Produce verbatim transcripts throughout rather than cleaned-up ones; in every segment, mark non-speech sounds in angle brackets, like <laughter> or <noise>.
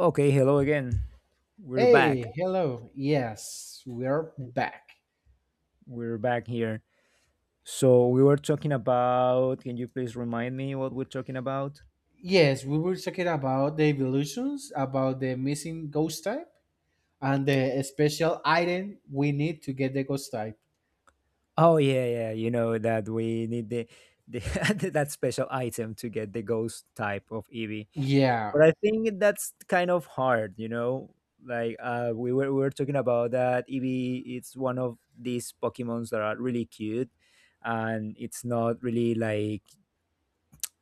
Okay, hello again. We're back. Hey, hello. Yes, we're back. We're back here. So we were talking about, can you please remind me what we're talking about? Yes, we were talking about the evolutions, about the missing ghost type, and the special item we need to get the ghost type. Oh yeah, yeah, you know that we need the, the <laughs> that special item to get the ghost type of Eevee. But Yeah, I think that's kind of hard, you know? Like uh we were we were talking about that Eevee, it's one of these Pokemons that are really cute, and it's not really like,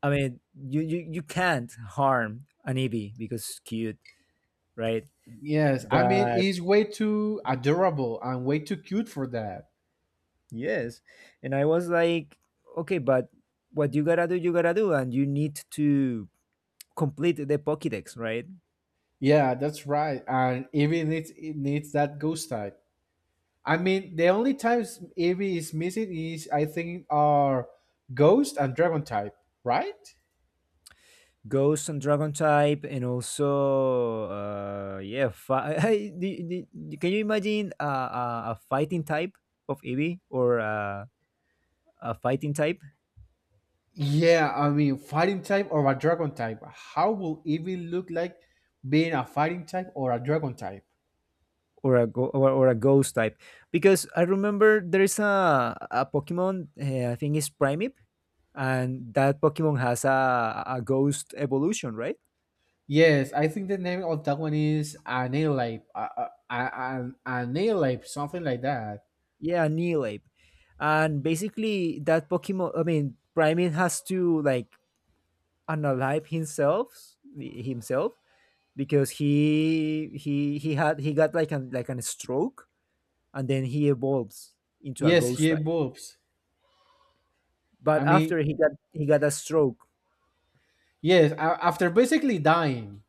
I mean, you, you you can't harm an Eevee because it's cute, right? yes. I mean, But it's way too adorable and way too cute for that. yes, and I was like, okay, but what you gotta do, you gotta do, and you need to complete the Pokédex, right? Yeah, that's right. And even it, it needs that ghost type. I mean, the only times Eevee is missing is, I think, are ghost and dragon type, right? Ghost and Dragon type, and also, uh, yeah, fi- <laughs> do- do- do- can you imagine a, a, a fighting type of Eevee, or a, a fighting type? Yeah, I mean, fighting type or a dragon type. How will Eevee look like being a fighting type or a dragon type? Or a go- or, or a ghost type, because I remember there's a a Pokemon, uh, I think it's Primip, and that Pokemon has a a ghost evolution, right? Yes, I think the name of that one is Analeep, uh, uh, an Analeep, something like that. Yeah, a ape, and basically that Pokemon, I mean primate, has to like unalive himself himself because he he he had he got like an like an stroke and then he evolves into a Yes, ghost he type, evolves. but I mean, after he got he got a stroke. yes, a- after basically dying.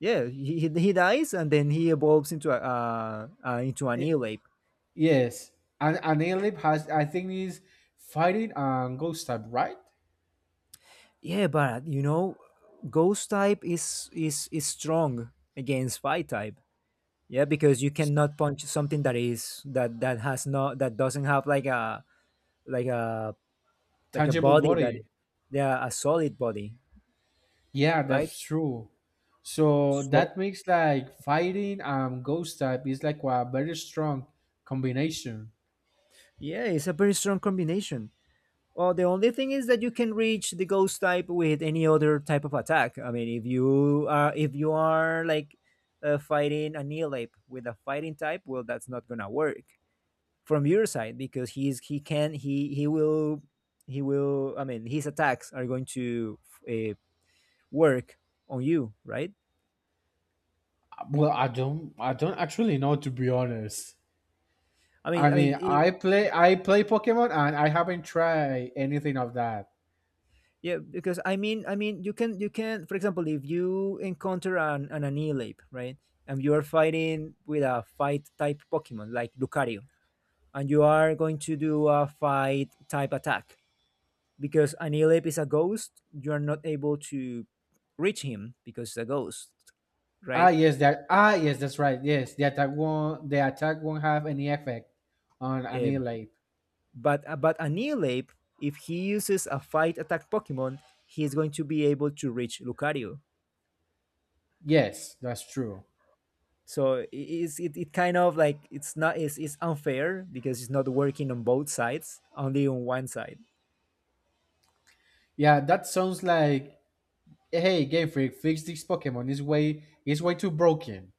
Yeah, he, he he dies and then he evolves into a uh, uh, into an I- eel ape. yes, an Analeep has, I think, is fighting and ghost type, right? Yeah, but you know, ghost type is is is strong against fight type. Yeah, because you cannot punch something that is that that has not that doesn't have like a like a like a Tangible body that, body. yeah, a solid body, Yeah, right? that's true. So So that makes like fighting and ghost type is like a very strong combination. yeah, it's a very strong combination. Well, the only thing is that you can reach the ghost type with any other type of attack. I mean, if you are if you are like, uh, fighting a Neolape with a fighting type, well, that's not gonna work from your side because he's he can he he will he will. I mean, his attacks are going to, uh, work on you, right? Well, I don't I don't actually know, to be honest. I I mean, I mean, mean, I play I play Pokemon and I haven't tried anything of that. Yeah, because I mean, I mean, you can, you can, for example, if you encounter an, an Anihilape, right, and you are fighting with a fight type Pokemon like Lucario, and you are going to do a fight type attack, because Anihilape is a ghost, you are not able to reach him because it's a ghost, Ah, right? yes, that ah yes, that's right. Yes, the attack won't the attack won't have any effect on Uh, annihilate. but uh, but Anihilape, if he uses a fight attack Pokemon, he is going to be able to reach Lucario. Yes, that's true. So it's it, it kind of like, it's not it's, it's unfair because it's not working on both sides, only on one side. Yeah, that sounds like hey Game Freak, fix this Pokemon. It's way it's way too broken.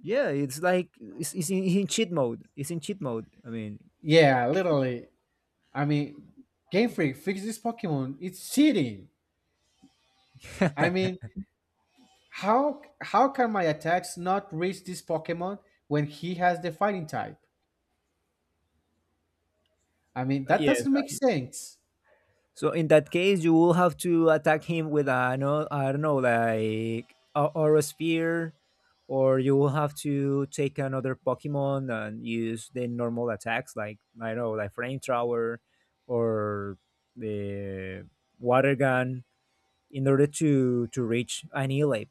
Yeah, it's like, it's, it's in, in cheat mode, it's in cheat mode, I mean. Yeah, literally. I mean, Game Freak, fix this Pokemon. It's cheating. I mean, <laughs> how how can my attacks not reach this Pokemon when he has the fighting type? I mean, that Yes, doesn't make sense. so in that case you will have to attack him with a, no, I don't know, like a, or a spear, or you will have to take another Pokemon and use the normal attacks, like I don't know, like flame thrower or the water gun in order to to reach annihilate.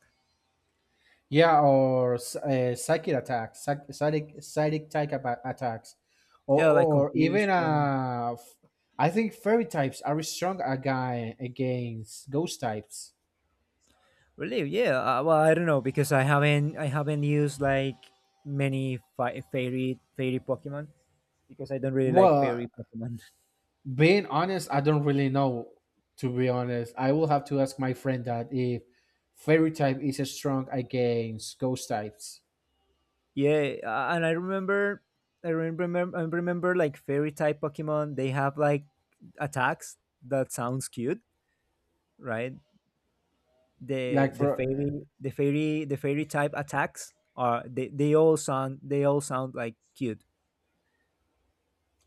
Yeah, or s- uh, psychic attacks, psych- psychic psychic type aba- attacks, or Yeah, like or even confusion, uh, f- I think fairy types are strong aga- against ghost types. relief. Yeah, uh, well, I don't know because I haven't I haven't used like many fi- fairy fairy Pokemon because I don't really like Well, fairy Pokemon. <laughs> being honest, I don't really know. To be honest, I will have to ask my friend that if fairy type is strong against ghost types. Yeah, uh, and I remember, I remember, I remember like fairy type Pokemon. They have like attacks that sounds cute, right? The Like the for fairy the fairy the fairy type attacks are, they, they all sound, they all sound like cute.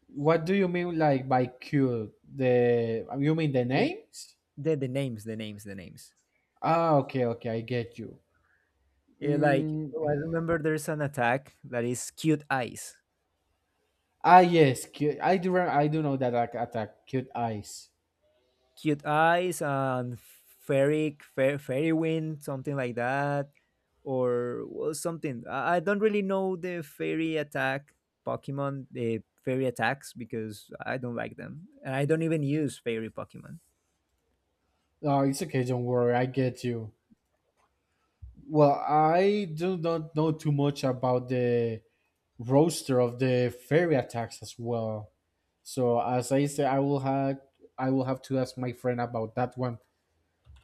what do you mean like by cute? The You mean the Then names? the the names, the names, the names. Ah, okay, okay, I get you. Yeah, like, oh, Mm, I remember there's an attack that is cute eyes, ah, yes, cute. I do. re- I do know that I attack cute eyes. cute eyes, and fairy fair, fairy wind, something like that, or, well, something. I, I don't really know the fairy attack Pokemon, the fairy attacks, because I don't like them, and I don't even use fairy Pokemon. Oh, it's okay. Don't worry. I get you. Well, I do not know too much about the roster of the fairy attacks as well. So as I said, I will have I will have to ask my friend about that one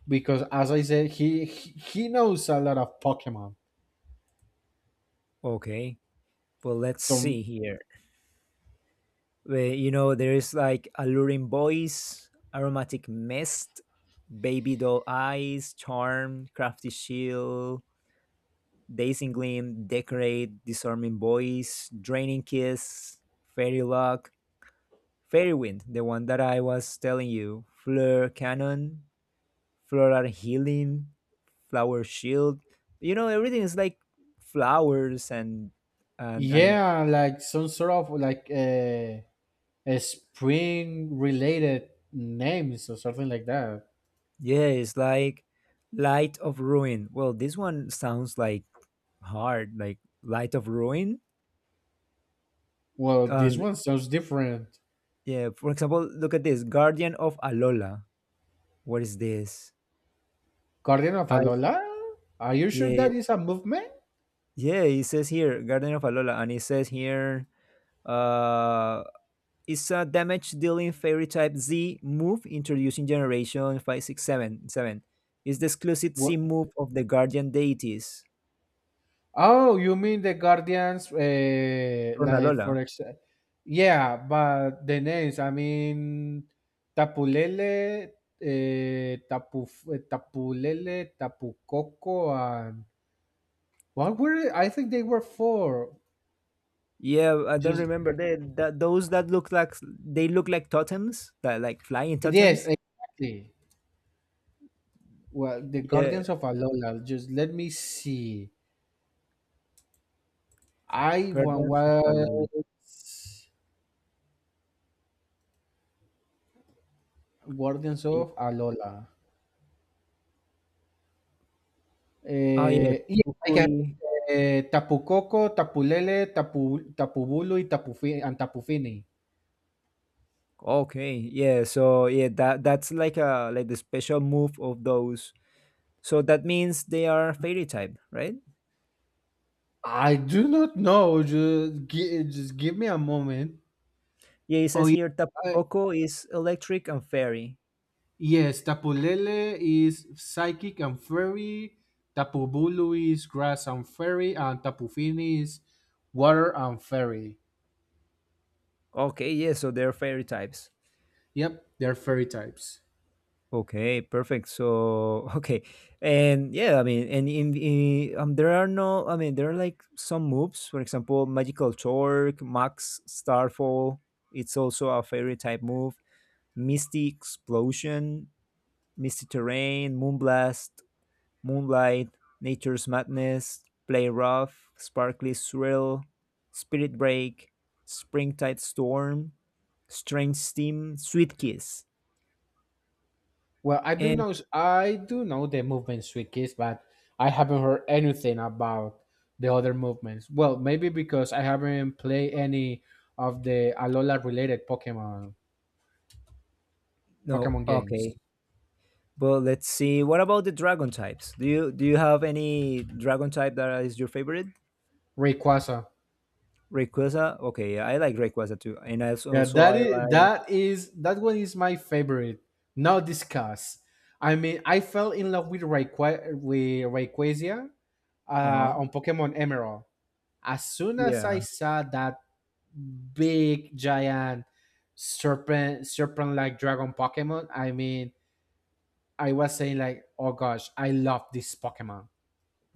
because as I said, he he he knows a lot of Pokemon. Okay, well, let's So see here. Where, you know, there is like alluring voice, aromatic mist, baby doll eyes, charm, crafty shield, dazing gleam, decorate, disarming voice, draining kiss, fairy lock, fairy wind, the one that I was telling you, fleur cannon, floral healing, flower shield. You know, everything is like flowers, and, and and yeah, like some sort of like a, a spring related names or something like that. Yeah, it's like Light of Ruin. Well, this one sounds like hard, like Light of Ruin. Well, this Um, one sounds different. yeah, for example, look at this, Guardian of Alola. What is this? Guardian of I, Alola? Are you sure yeah, that is a movement? yeah, it says here Guardian of Alola, and it says here, uh it's a damage dealing fairy type Z move introducing generation five six seven seven. It's the exclusive What? Z move of the guardian deities Oh, you mean the Guardians? Uh, from Like Alola. for example, yeah, but the names. I mean, Tapulele, uh, Tapu, eh, Tapulele, Tapu Coco, and what were? I think they were four. Yeah, I don't Just remember. They, that, those that look like, they look like totems, that, like flying Yes, totems. exactly. Well, the Yeah, Guardians of Alola. Just let me see. I one Guardians of was Valhalla. Guardians Y- of Alola. Oh yeah, Eh, y hay que Kukui. eh, Tapucoco, Tapulele, Tapu, Tapubulu y Tapufi, and Tapufini. Okay, yeah. So yeah, that, that's like a, like the special move of those. So that means they are fairy type, right? I do not know. Just, gi- just give me a moment. Yeah, it Oh, says yeah. here Tapu uh, Koko is electric and fairy. yes. Tapulele is psychic and fairy. Tapubulu is grass and fairy. And Tapufini is water and fairy. Okay, yeah. So they're fairy types. Yep, they're fairy types. Okay, perfect. So, <laughs> okay, and yeah, I mean, and in, in um, there are no, I mean, there are like some moves. For example, Magical Torque, Max Starfall. It's also a fairy type move. Misty Explosion, Misty Terrain, Moonblast, Moonlight, Nature's Madness, Play Rough, Sparkly Swirl, Spirit Break, Springtide Storm, Strange Steam, Sweet Kiss, Well, I do and know I do know the movement Swikis, but I haven't heard anything about the other movements. Well, maybe because I haven't played any of the Alola related Pokemon no, Pokemon games. okay. But let's see. What about the dragon types? Do you do you have any dragon type that is your favorite? Rayquaza. Rayquaza. Okay, yeah, I like Rayquaza too, and I also, Yeah, also that I is like. that is that one is my favorite. Now discuss. I mean, I fell in love with Rayqua with Rayquaza Uh uh, huh. on Pokemon Emerald. As soon as Yeah. I <laughs> saw that big giant serpent serpent like dragon Pokemon. I mean, I was saying like, oh gosh, I love this Pokemon.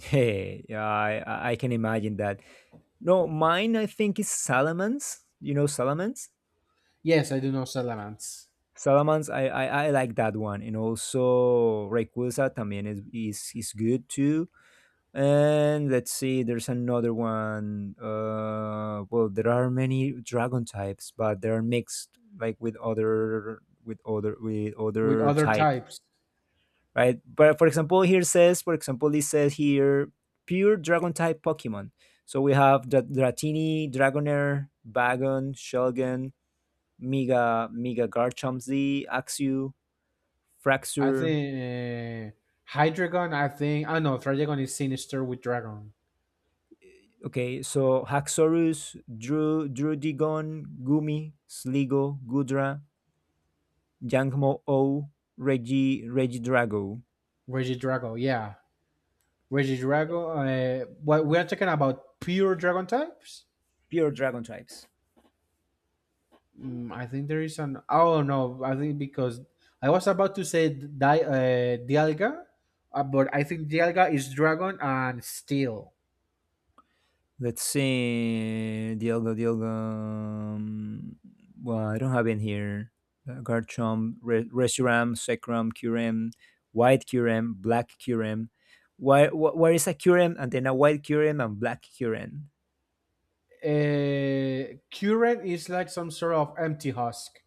Hey, yeah, I I I can imagine that. No, mine I think is Salamence. You know Salamence? Yes, I do know Salamence Salamence, I, I I like that one, and also Rayquaza también is is is good too. And let's see, there's another one. Uh, well, there are many dragon types, but they're mixed like with other, with other with with other other types, types. right? But for example, here says, for example, it says here pure dragon type Pokemon. So we have the Dratini, Dragonair, Bagon, Shelgon, Mega Mega Garchomp, Axew, I Fraxure. think uh, Hydreigon. I think I know Trigon is sinister with Dragon. Okay, so Haxorus, Dru Drudigon, Gumi, Sligo, Gudra, Yangmo O, Regi Regidrago. Regidrago, yeah, Regidrago. Uh, what we are talking about? Pure Dragon types. Pure dragon types. Mm, I think there is an. Oh no, I think because I was about to say di- uh, Dialga, uh, but I think Dialga is dragon and steel. Let's see. Dialga. Dialga. um, Well, I don't have in here. Uh, Garchomp, Re- Reshiram, Sekram, Kyurem, White Kyurem, Black Kyurem. Why, wh- where is a Kyurem and then a White Kyurem and Black Kyurem? Uh, Kuren is like some sort of empty husk.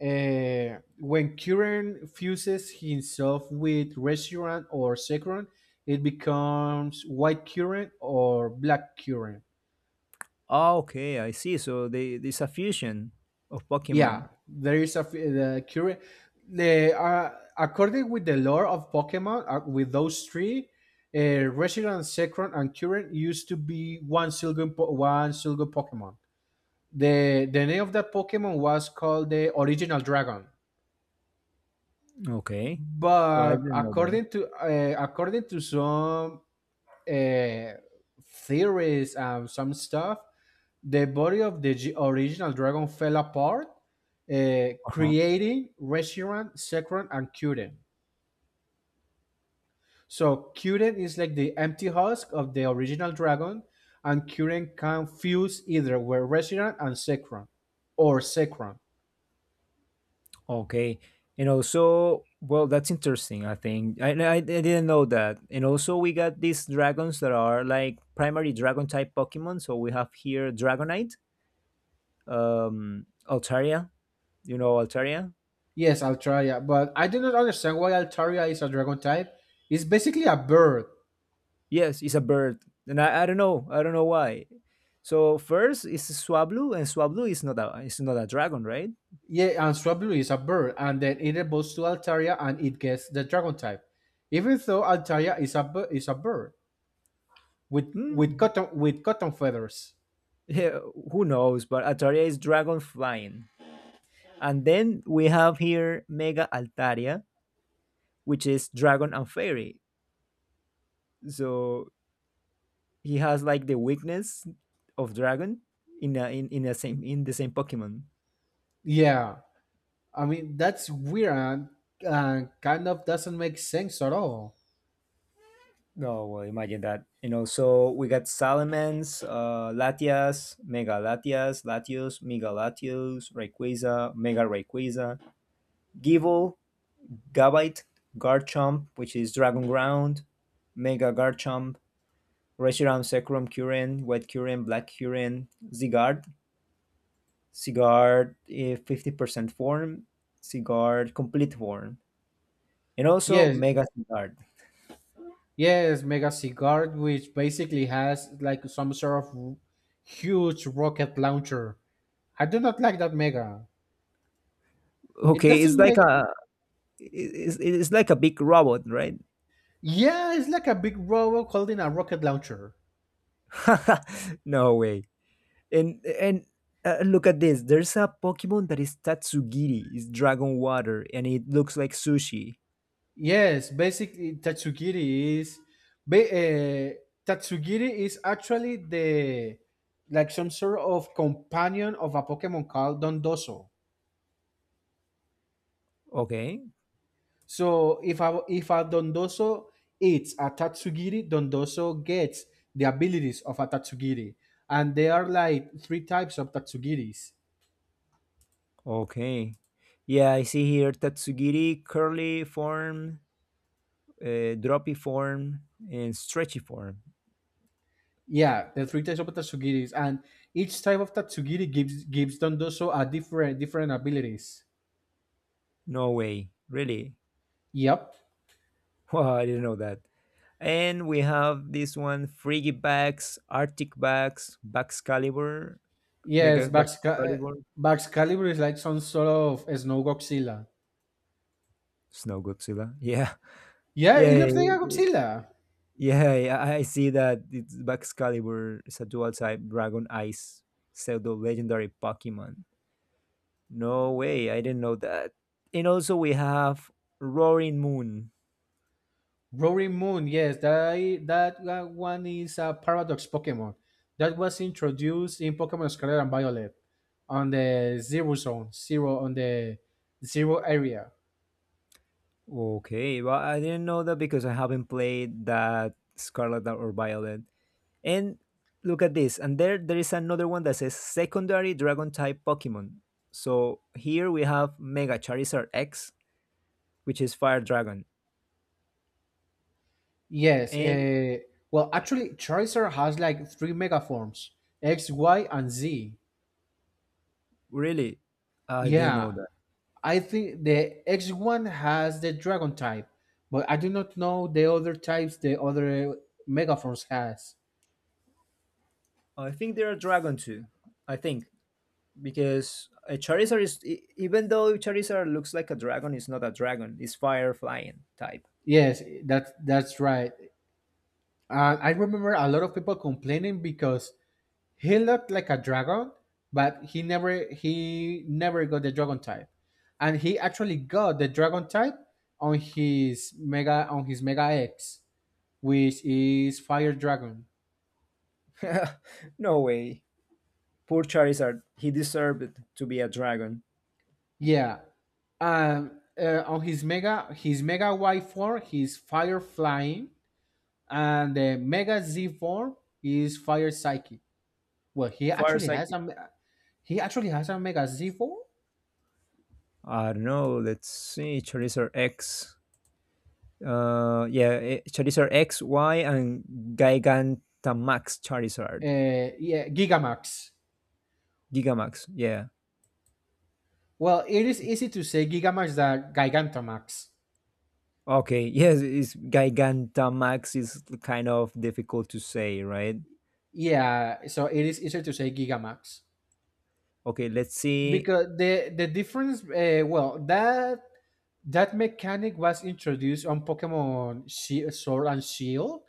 Uh, when Kuren fuses himself with Reshiram or Sekron, it becomes white Kuren or black Kuren. Oh, okay, I see. So they, there's a fusion of Pokemon. Yeah, there is a f- the curi- the uh, according with the lore of Pokemon, uh, with those three, uh, Reshiram, Zekrom, and Current used to be one single po- one single Pokemon. the The name of that Pokemon was called the Original Dragon, Okay. Well, I but didn't know that. according to uh, according to some uh, theories and some stuff, the body of the g- original dragon fell apart, uh, Uh-huh. creating Reshiram, Sekron, and Kyuden. So Kyuden is like the empty husk of the original dragon, and Kyuden can fuse either with Reshiram and Sekron, or Sekron. Okay. And also, well, that's interesting, I think. I, I, I didn't know that. And also, we got these dragons that are like primary dragon type Pokemon. So we have here Dragonite, um, Altaria. You know Altaria? Yes, Altaria, but I do not understand why Altaria is a dragon type. It's basically a bird. Yes, it's a bird. And I, I don't know. I don't know why. So first is Swablu, and Swablu is not a, is not a dragon, right? Yeah, and Swablu is a bird, and then it evolves to Altaria and it gets the dragon type. Even though Altaria is a bu- is a bird, with Hmm. with cotton with cotton feathers. Yeah, who knows? But Altaria is dragon flying. And then we have here Mega Altaria, which is dragon and fairy. So he has like the weakness of dragon in a, in in the same in the same Pokemon. Yeah, I mean that's weird, and, and kind of doesn't make sense at all. No, well, imagine that. You know, so we got Salamence, uh, Latias, Mega Latias, Latios, Mega Latios, Rayquaza, Mega Rayquaza, Gible, Gabite, Garchomp, which is Dragon Ground, Mega Garchomp, Reshiram sacrum curen, white curen, black curen, zigard, zigard eh, fifty percent form, zigard complete form, and also Yes, mega zigard. yes, mega cigar, which basically has like some sort of huge rocket launcher. I do not like that mega. It Okay, it's doesn't like make. a, it's, it's like a big robot, right? Yeah, it's like a big robot holding a rocket launcher. <laughs> No way. And and uh, look at this. There's a Pokemon that is Tatsugiri. It's dragon water, and it looks like sushi. Yes, basically tatsugiri is ba- uh, tatsugiri is actually the like some sort of companion of a Pokemon called Dondozo. Okay, So if a if a Dondozo eats a tatsugiri, Dondozo gets the abilities of a tatsugiri, and there are like three types of tatsugiris. okay. Yeah, I see here Tatsugiri curly form, uh, droppy form, and stretchy form. Yeah, the three types of tatsugiris, and each type of tatsugiri gives gives Dondozo a different different abilities. No way, really. <laughs> Yep. Wow, I didn't know that. And we have this one: Friggy bags, Arctic bags, Baxcalibur, Yes, Mega Bax, uh, Baxcalibur, Bax is like some sort of a snow Godzilla. Snow Godzilla. Yeah, <laughs> Yeah, it yeah, yeah, looks like a Godzilla. yeah, yeah, yeah, I see that it's Baxcalibur. It's a dual type Dragon Ice pseudo legendary Pokemon. No way, I didn't know that. And also we have Roaring Moon. Rory Moon, yes, that, that that one is a Paradox Pokemon that was introduced in Pokemon Scarlet and Violet on the Zero Zone, Zero on the Zero area. Okay, well, I didn't know that because I haven't played that Scarlet or Violet. And look at this, and there there is another one that says secondary Dragon type Pokemon. So here we have Mega Charizard X, which is Fire Dragon. Yes, And uh, well, actually, Charizard has like three mega forms X, Y, and Z. really, I didn't know Yeah, that. I think the X one has the dragon type, but I do not know the other types the other Megaforce has. I think they are Dragon too. I think, because a Charizard is, e- even though Charizard looks like a dragon, it's not a dragon. It's fire flying type. Yes, that that's right. And I remember a lot of people complaining because he looked like a dragon, but he never he never got the dragon type. And he actually got the dragon type on his mega on his Mega X, which is Fire Dragon. <laughs> No way. Poor Charizard, he deserved to be a dragon. Yeah. Um, uh, on his Mega, his Mega Y four, he's Fire Flying, and the Mega Z four is Fire Psychic. Well, he Fire actually has Psychic. a me- he actually has a Mega Z four. Uh, I don't know. Let's see. Charizard X. Uh, yeah, eh, Charizard X, Y, and Gigantamax Charizard. Yeah, Gigamax. Gigamax. Yeah. Well, it is easy to say Gigamax than Gigantamax. Okay. <laughs> Yes, it's Gigantamax is kind of difficult to say, right? Yeah, so it is easier to say Gigamax Okay. Let's see. because the the difference. Uh, well, that that mechanic was introduced on Pokemon Shi Sword and Shield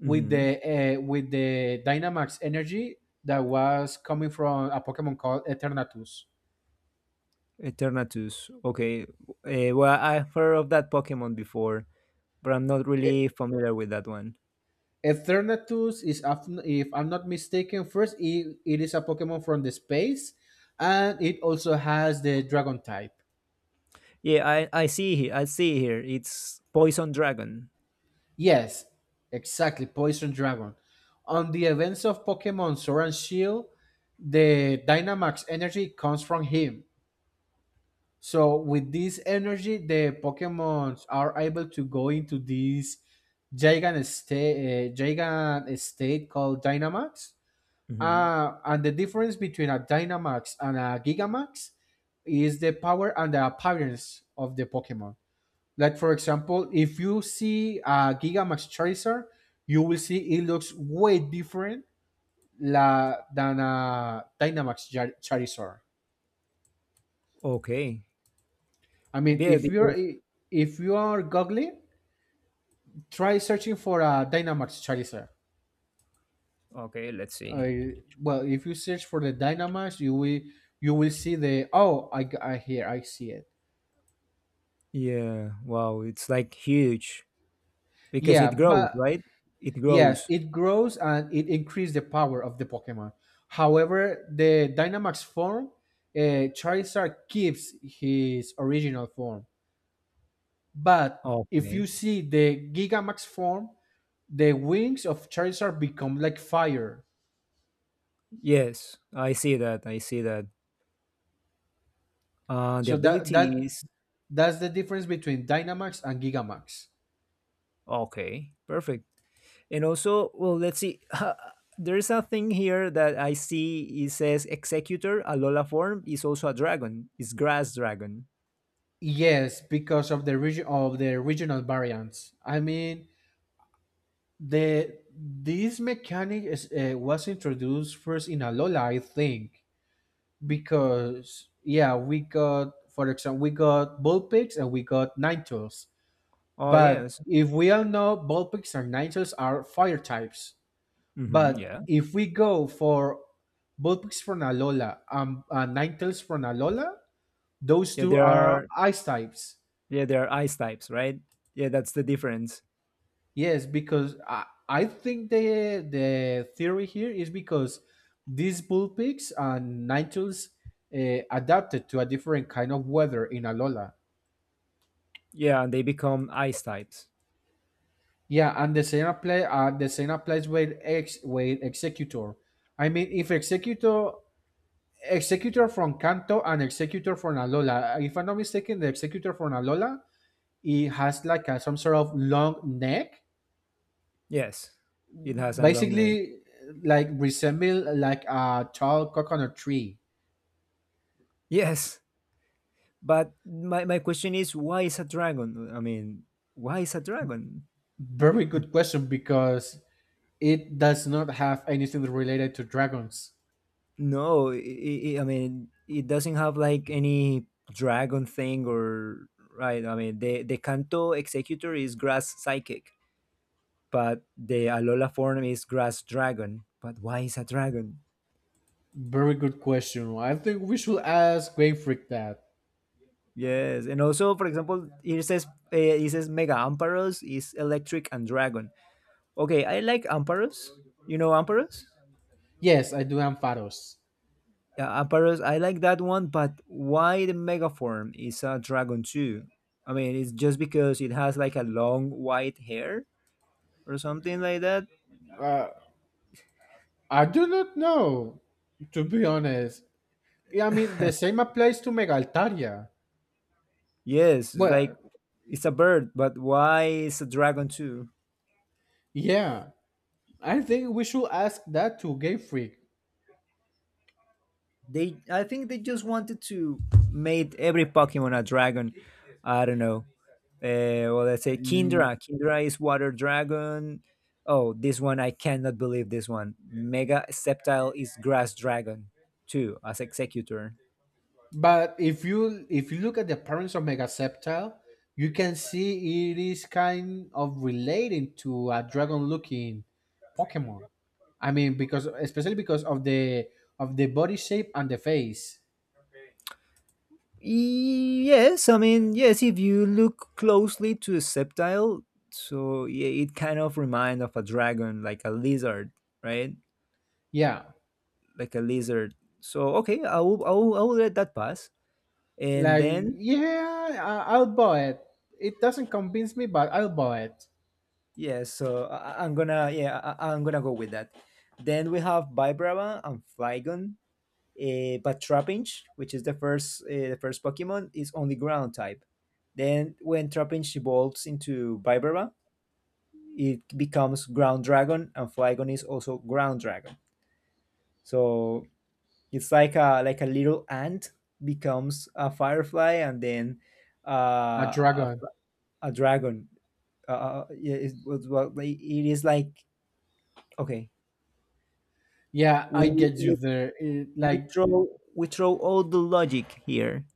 with Mm-hmm. the uh, with the Dynamax energy that was coming from a Pokemon called Eternatus. Eternatus. Okay. Eh, well, I've heard of that Pokemon before, but I'm not E- really familiar with that one. Eternatus is, af- if I'm not mistaken, first it, it is a Pokemon from the space, and it also has the Dragon type. Yeah, I, I see here. I see here. It's Poison Dragon. Yes, exactly, Poison Dragon. On the events of Pokemon Sword and Shield, the Dynamax energy comes from him. So with this energy, the Pokemons are able to go into this gigant state, uh, gigant state called Dynamax. Hmm. Uh, and the difference between a Dynamax and a Gigamax is the power and the appearance of the Pokemon. Like for example, if you see a Gigamax Charizard, you will see it looks way different la, than a Dynamax Char- Charizard. Okay. I mean, Yeah, if you're because, if you are googling. Try searching for a Dynamax Charizard. okay, let's see. Uh, well, if you search for the Dynamax, you will you will see the oh, I, g- I here I see it. Yeah, wow, it's like huge because Yeah, it grows, but right? It yes, grows. it grows and it increases the power of the Pokemon. However, the Dynamax form, uh, Charizard keeps his original form. But if you Okay. see the Gigamax form, the wings of Charizard become like fire. Yes, I see that. I see that. Uh, the So that ability that is, that's the difference between Dynamax and Gigamax. okay, perfect. And also, well, let's see. <laughs> There's a thing here that I see. It says Executor, a Lola form, is also a dragon. It's grass dragon. Yes, because of the region of the regional variants. I mean, the this mechanic is, uh, was introduced first in Alola, I think, because yeah, we got for example we got Bullpix and we got Ninetales. Oh But yes. if we all know Bullpix and Ninetales are fire types, Mm-hmm, but yeah. if we go for Bullpix from Alola and, and Ninetales from Alola, those Yeah, two there are are, ice types. yeah, there are ice types, right? Yeah, that's the difference. Yes, because I, I think the the theory here is because these bull pigs and nightjars uh, adapted to a different kind of weather in Alola. Yeah, and they become ice types. Yeah, and the same apply uh, the same applies with ex with executor. I mean, if executor executor from Kanto and executor from Alola, if I'm not mistaken, the executor from Alola it has like a, some sort of long neck, Yes. It has a long neck. basically like resemble like a tall coconut tree. Yes. But my, my question is, why is a dragon? I mean, why is a dragon? Very good question because it does not have anything related to dragons. No, i i I mean, it doesn't have like any dragon thing, or right. I mean, the the Kanto executor is grass psychic, but the Alola form is grass dragon. But why is a dragon? Very good question. I think we should ask Game Freak that. Yes, and also, for example, here says, uh, it says Mega Amparos is Electric and Dragon. Okay, I like Amparos. You know Amparos? Yes, I do am Pharos. Yeah, Amparos. I like that one, but why the Mega form is a dragon too? I mean, it's just because it has like a long white hair or something like that. I do not know, to be honest. Yeah, I mean, the same applies to Megaltaria. Yes, it's like, But it's a bird, but why is a dragon too? yeah, I think we should ask that to Game Freak. They, I think they just wanted to made every Pokemon a dragon. I don't know. Uh, well, let's say Kindra. Kindra is water dragon. Oh, this one, I cannot believe this one. Mega Sceptile is grass dragon, too, as executor. But if you if you look at the appearance of Megaceptile, you can see it is kind of relating to a dragon-looking Pokemon. I mean, because especially because of the of the body shape and the face. Yes, I mean, yes. If you look closely to a Sceptile, so yeah, it kind of reminds of a dragon, like a lizard, right? Yeah, Like a lizard. So okay, I will, I will, I will let that pass. And like then, yeah, I, I'll buy it. It doesn't convince me, but I'll buy it. yeah, so I, I- I'm gonna yeah I, I- I'm gonna go with that. Then we have Vibrava and Flygon. Uh, but Trapinch, which is the first, uh, the first Pokemon, is only ground type. Then when Trapinch evolves into Vibrava it becomes ground dragon, and Flygon is also ground dragon. So it's like a, like a little ant becomes a firefly, and then A uh, a dragon. a dragon. Uh, uh, yeah, it was, well, like, it is like, okay. Yeah, We, I get you we there. It, we like, throw we throw all the logic here.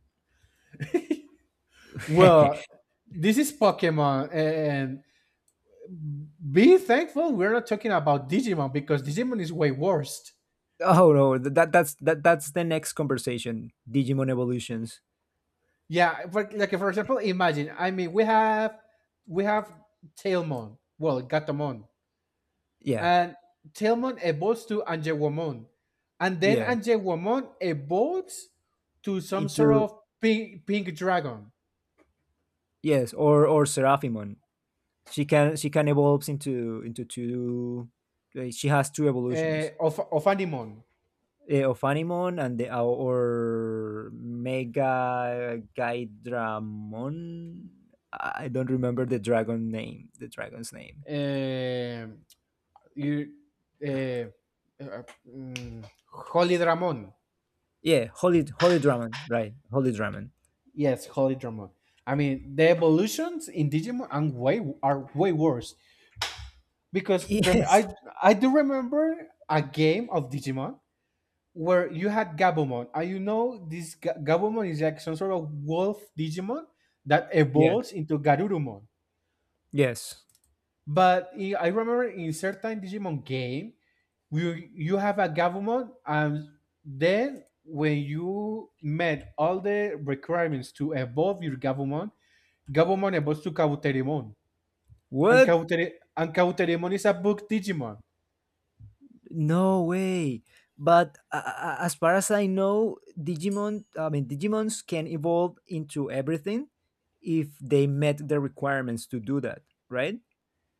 well, <laughs> this is Pokemon, and be thankful we're not talking about Digimon because Digimon is way worse. Oh no, th- that that's that that's the next conversation. Digimon evolutions. Yeah, but like for example, imagine. I mean, we have we have Tailmon, well, Gatomon, Yeah, and Tailmon evolves to Anjewomon, and then yeah. Anjewomon evolves to some sort Into, of pink pink dragon yes, or or Seraphimon. She can she can evolve into into two. Like, she has two uh, evolutions. of of Animon. Eh, of Animon, and the, uh, or Mega Gaidramon. I I don't remember the dragon name, the dragon's name. Um you, uh, uh, mm, Holy Dramon. Yeah, Holy Holy Dramon, right? Holy Dramon. Yes, Holy Drama. I mean, the evolutions in Digimon are way are way worse <laughs> because rem- I Yes. I do remember a game of Digimon where you had Gabumon, and you know this Ga- Gabumon is like some sort of wolf Digimon that Yeah. evolves into Garurumon. Yes. But I I remember in certain Digimon game, you you have a Gabumon, and then when you met all the requirements to evolve your Gabumon, Gabumon about to Kabuterimon. And, What? Kabuteri- and Kabuterimon is a book Digimon. No way. But uh, uh, as far as I know, Digimon, I mean, Digimons can evolve into everything if they met the requirements to do that, right?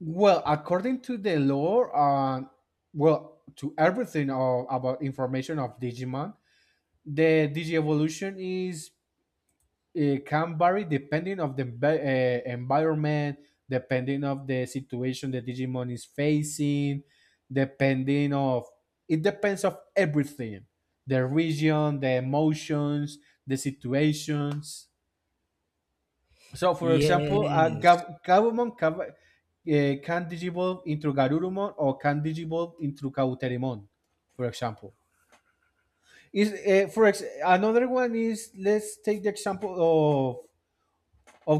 Well, according to the lore, uh, well, to everything uh, about information of Digimon, the Digievolution is uh, can vary depending of the envi- uh, environment, depending of the situation the Digimon is facing, depending of it depends of everything, the region, the emotions, the situations. So, for example, uh, Yes. Gav- Gabumon Cav- eh, can digivolve into Garurumon or can digivolve into Kauterimon, for example. Is eh, for ex- Another one is, let's take the example of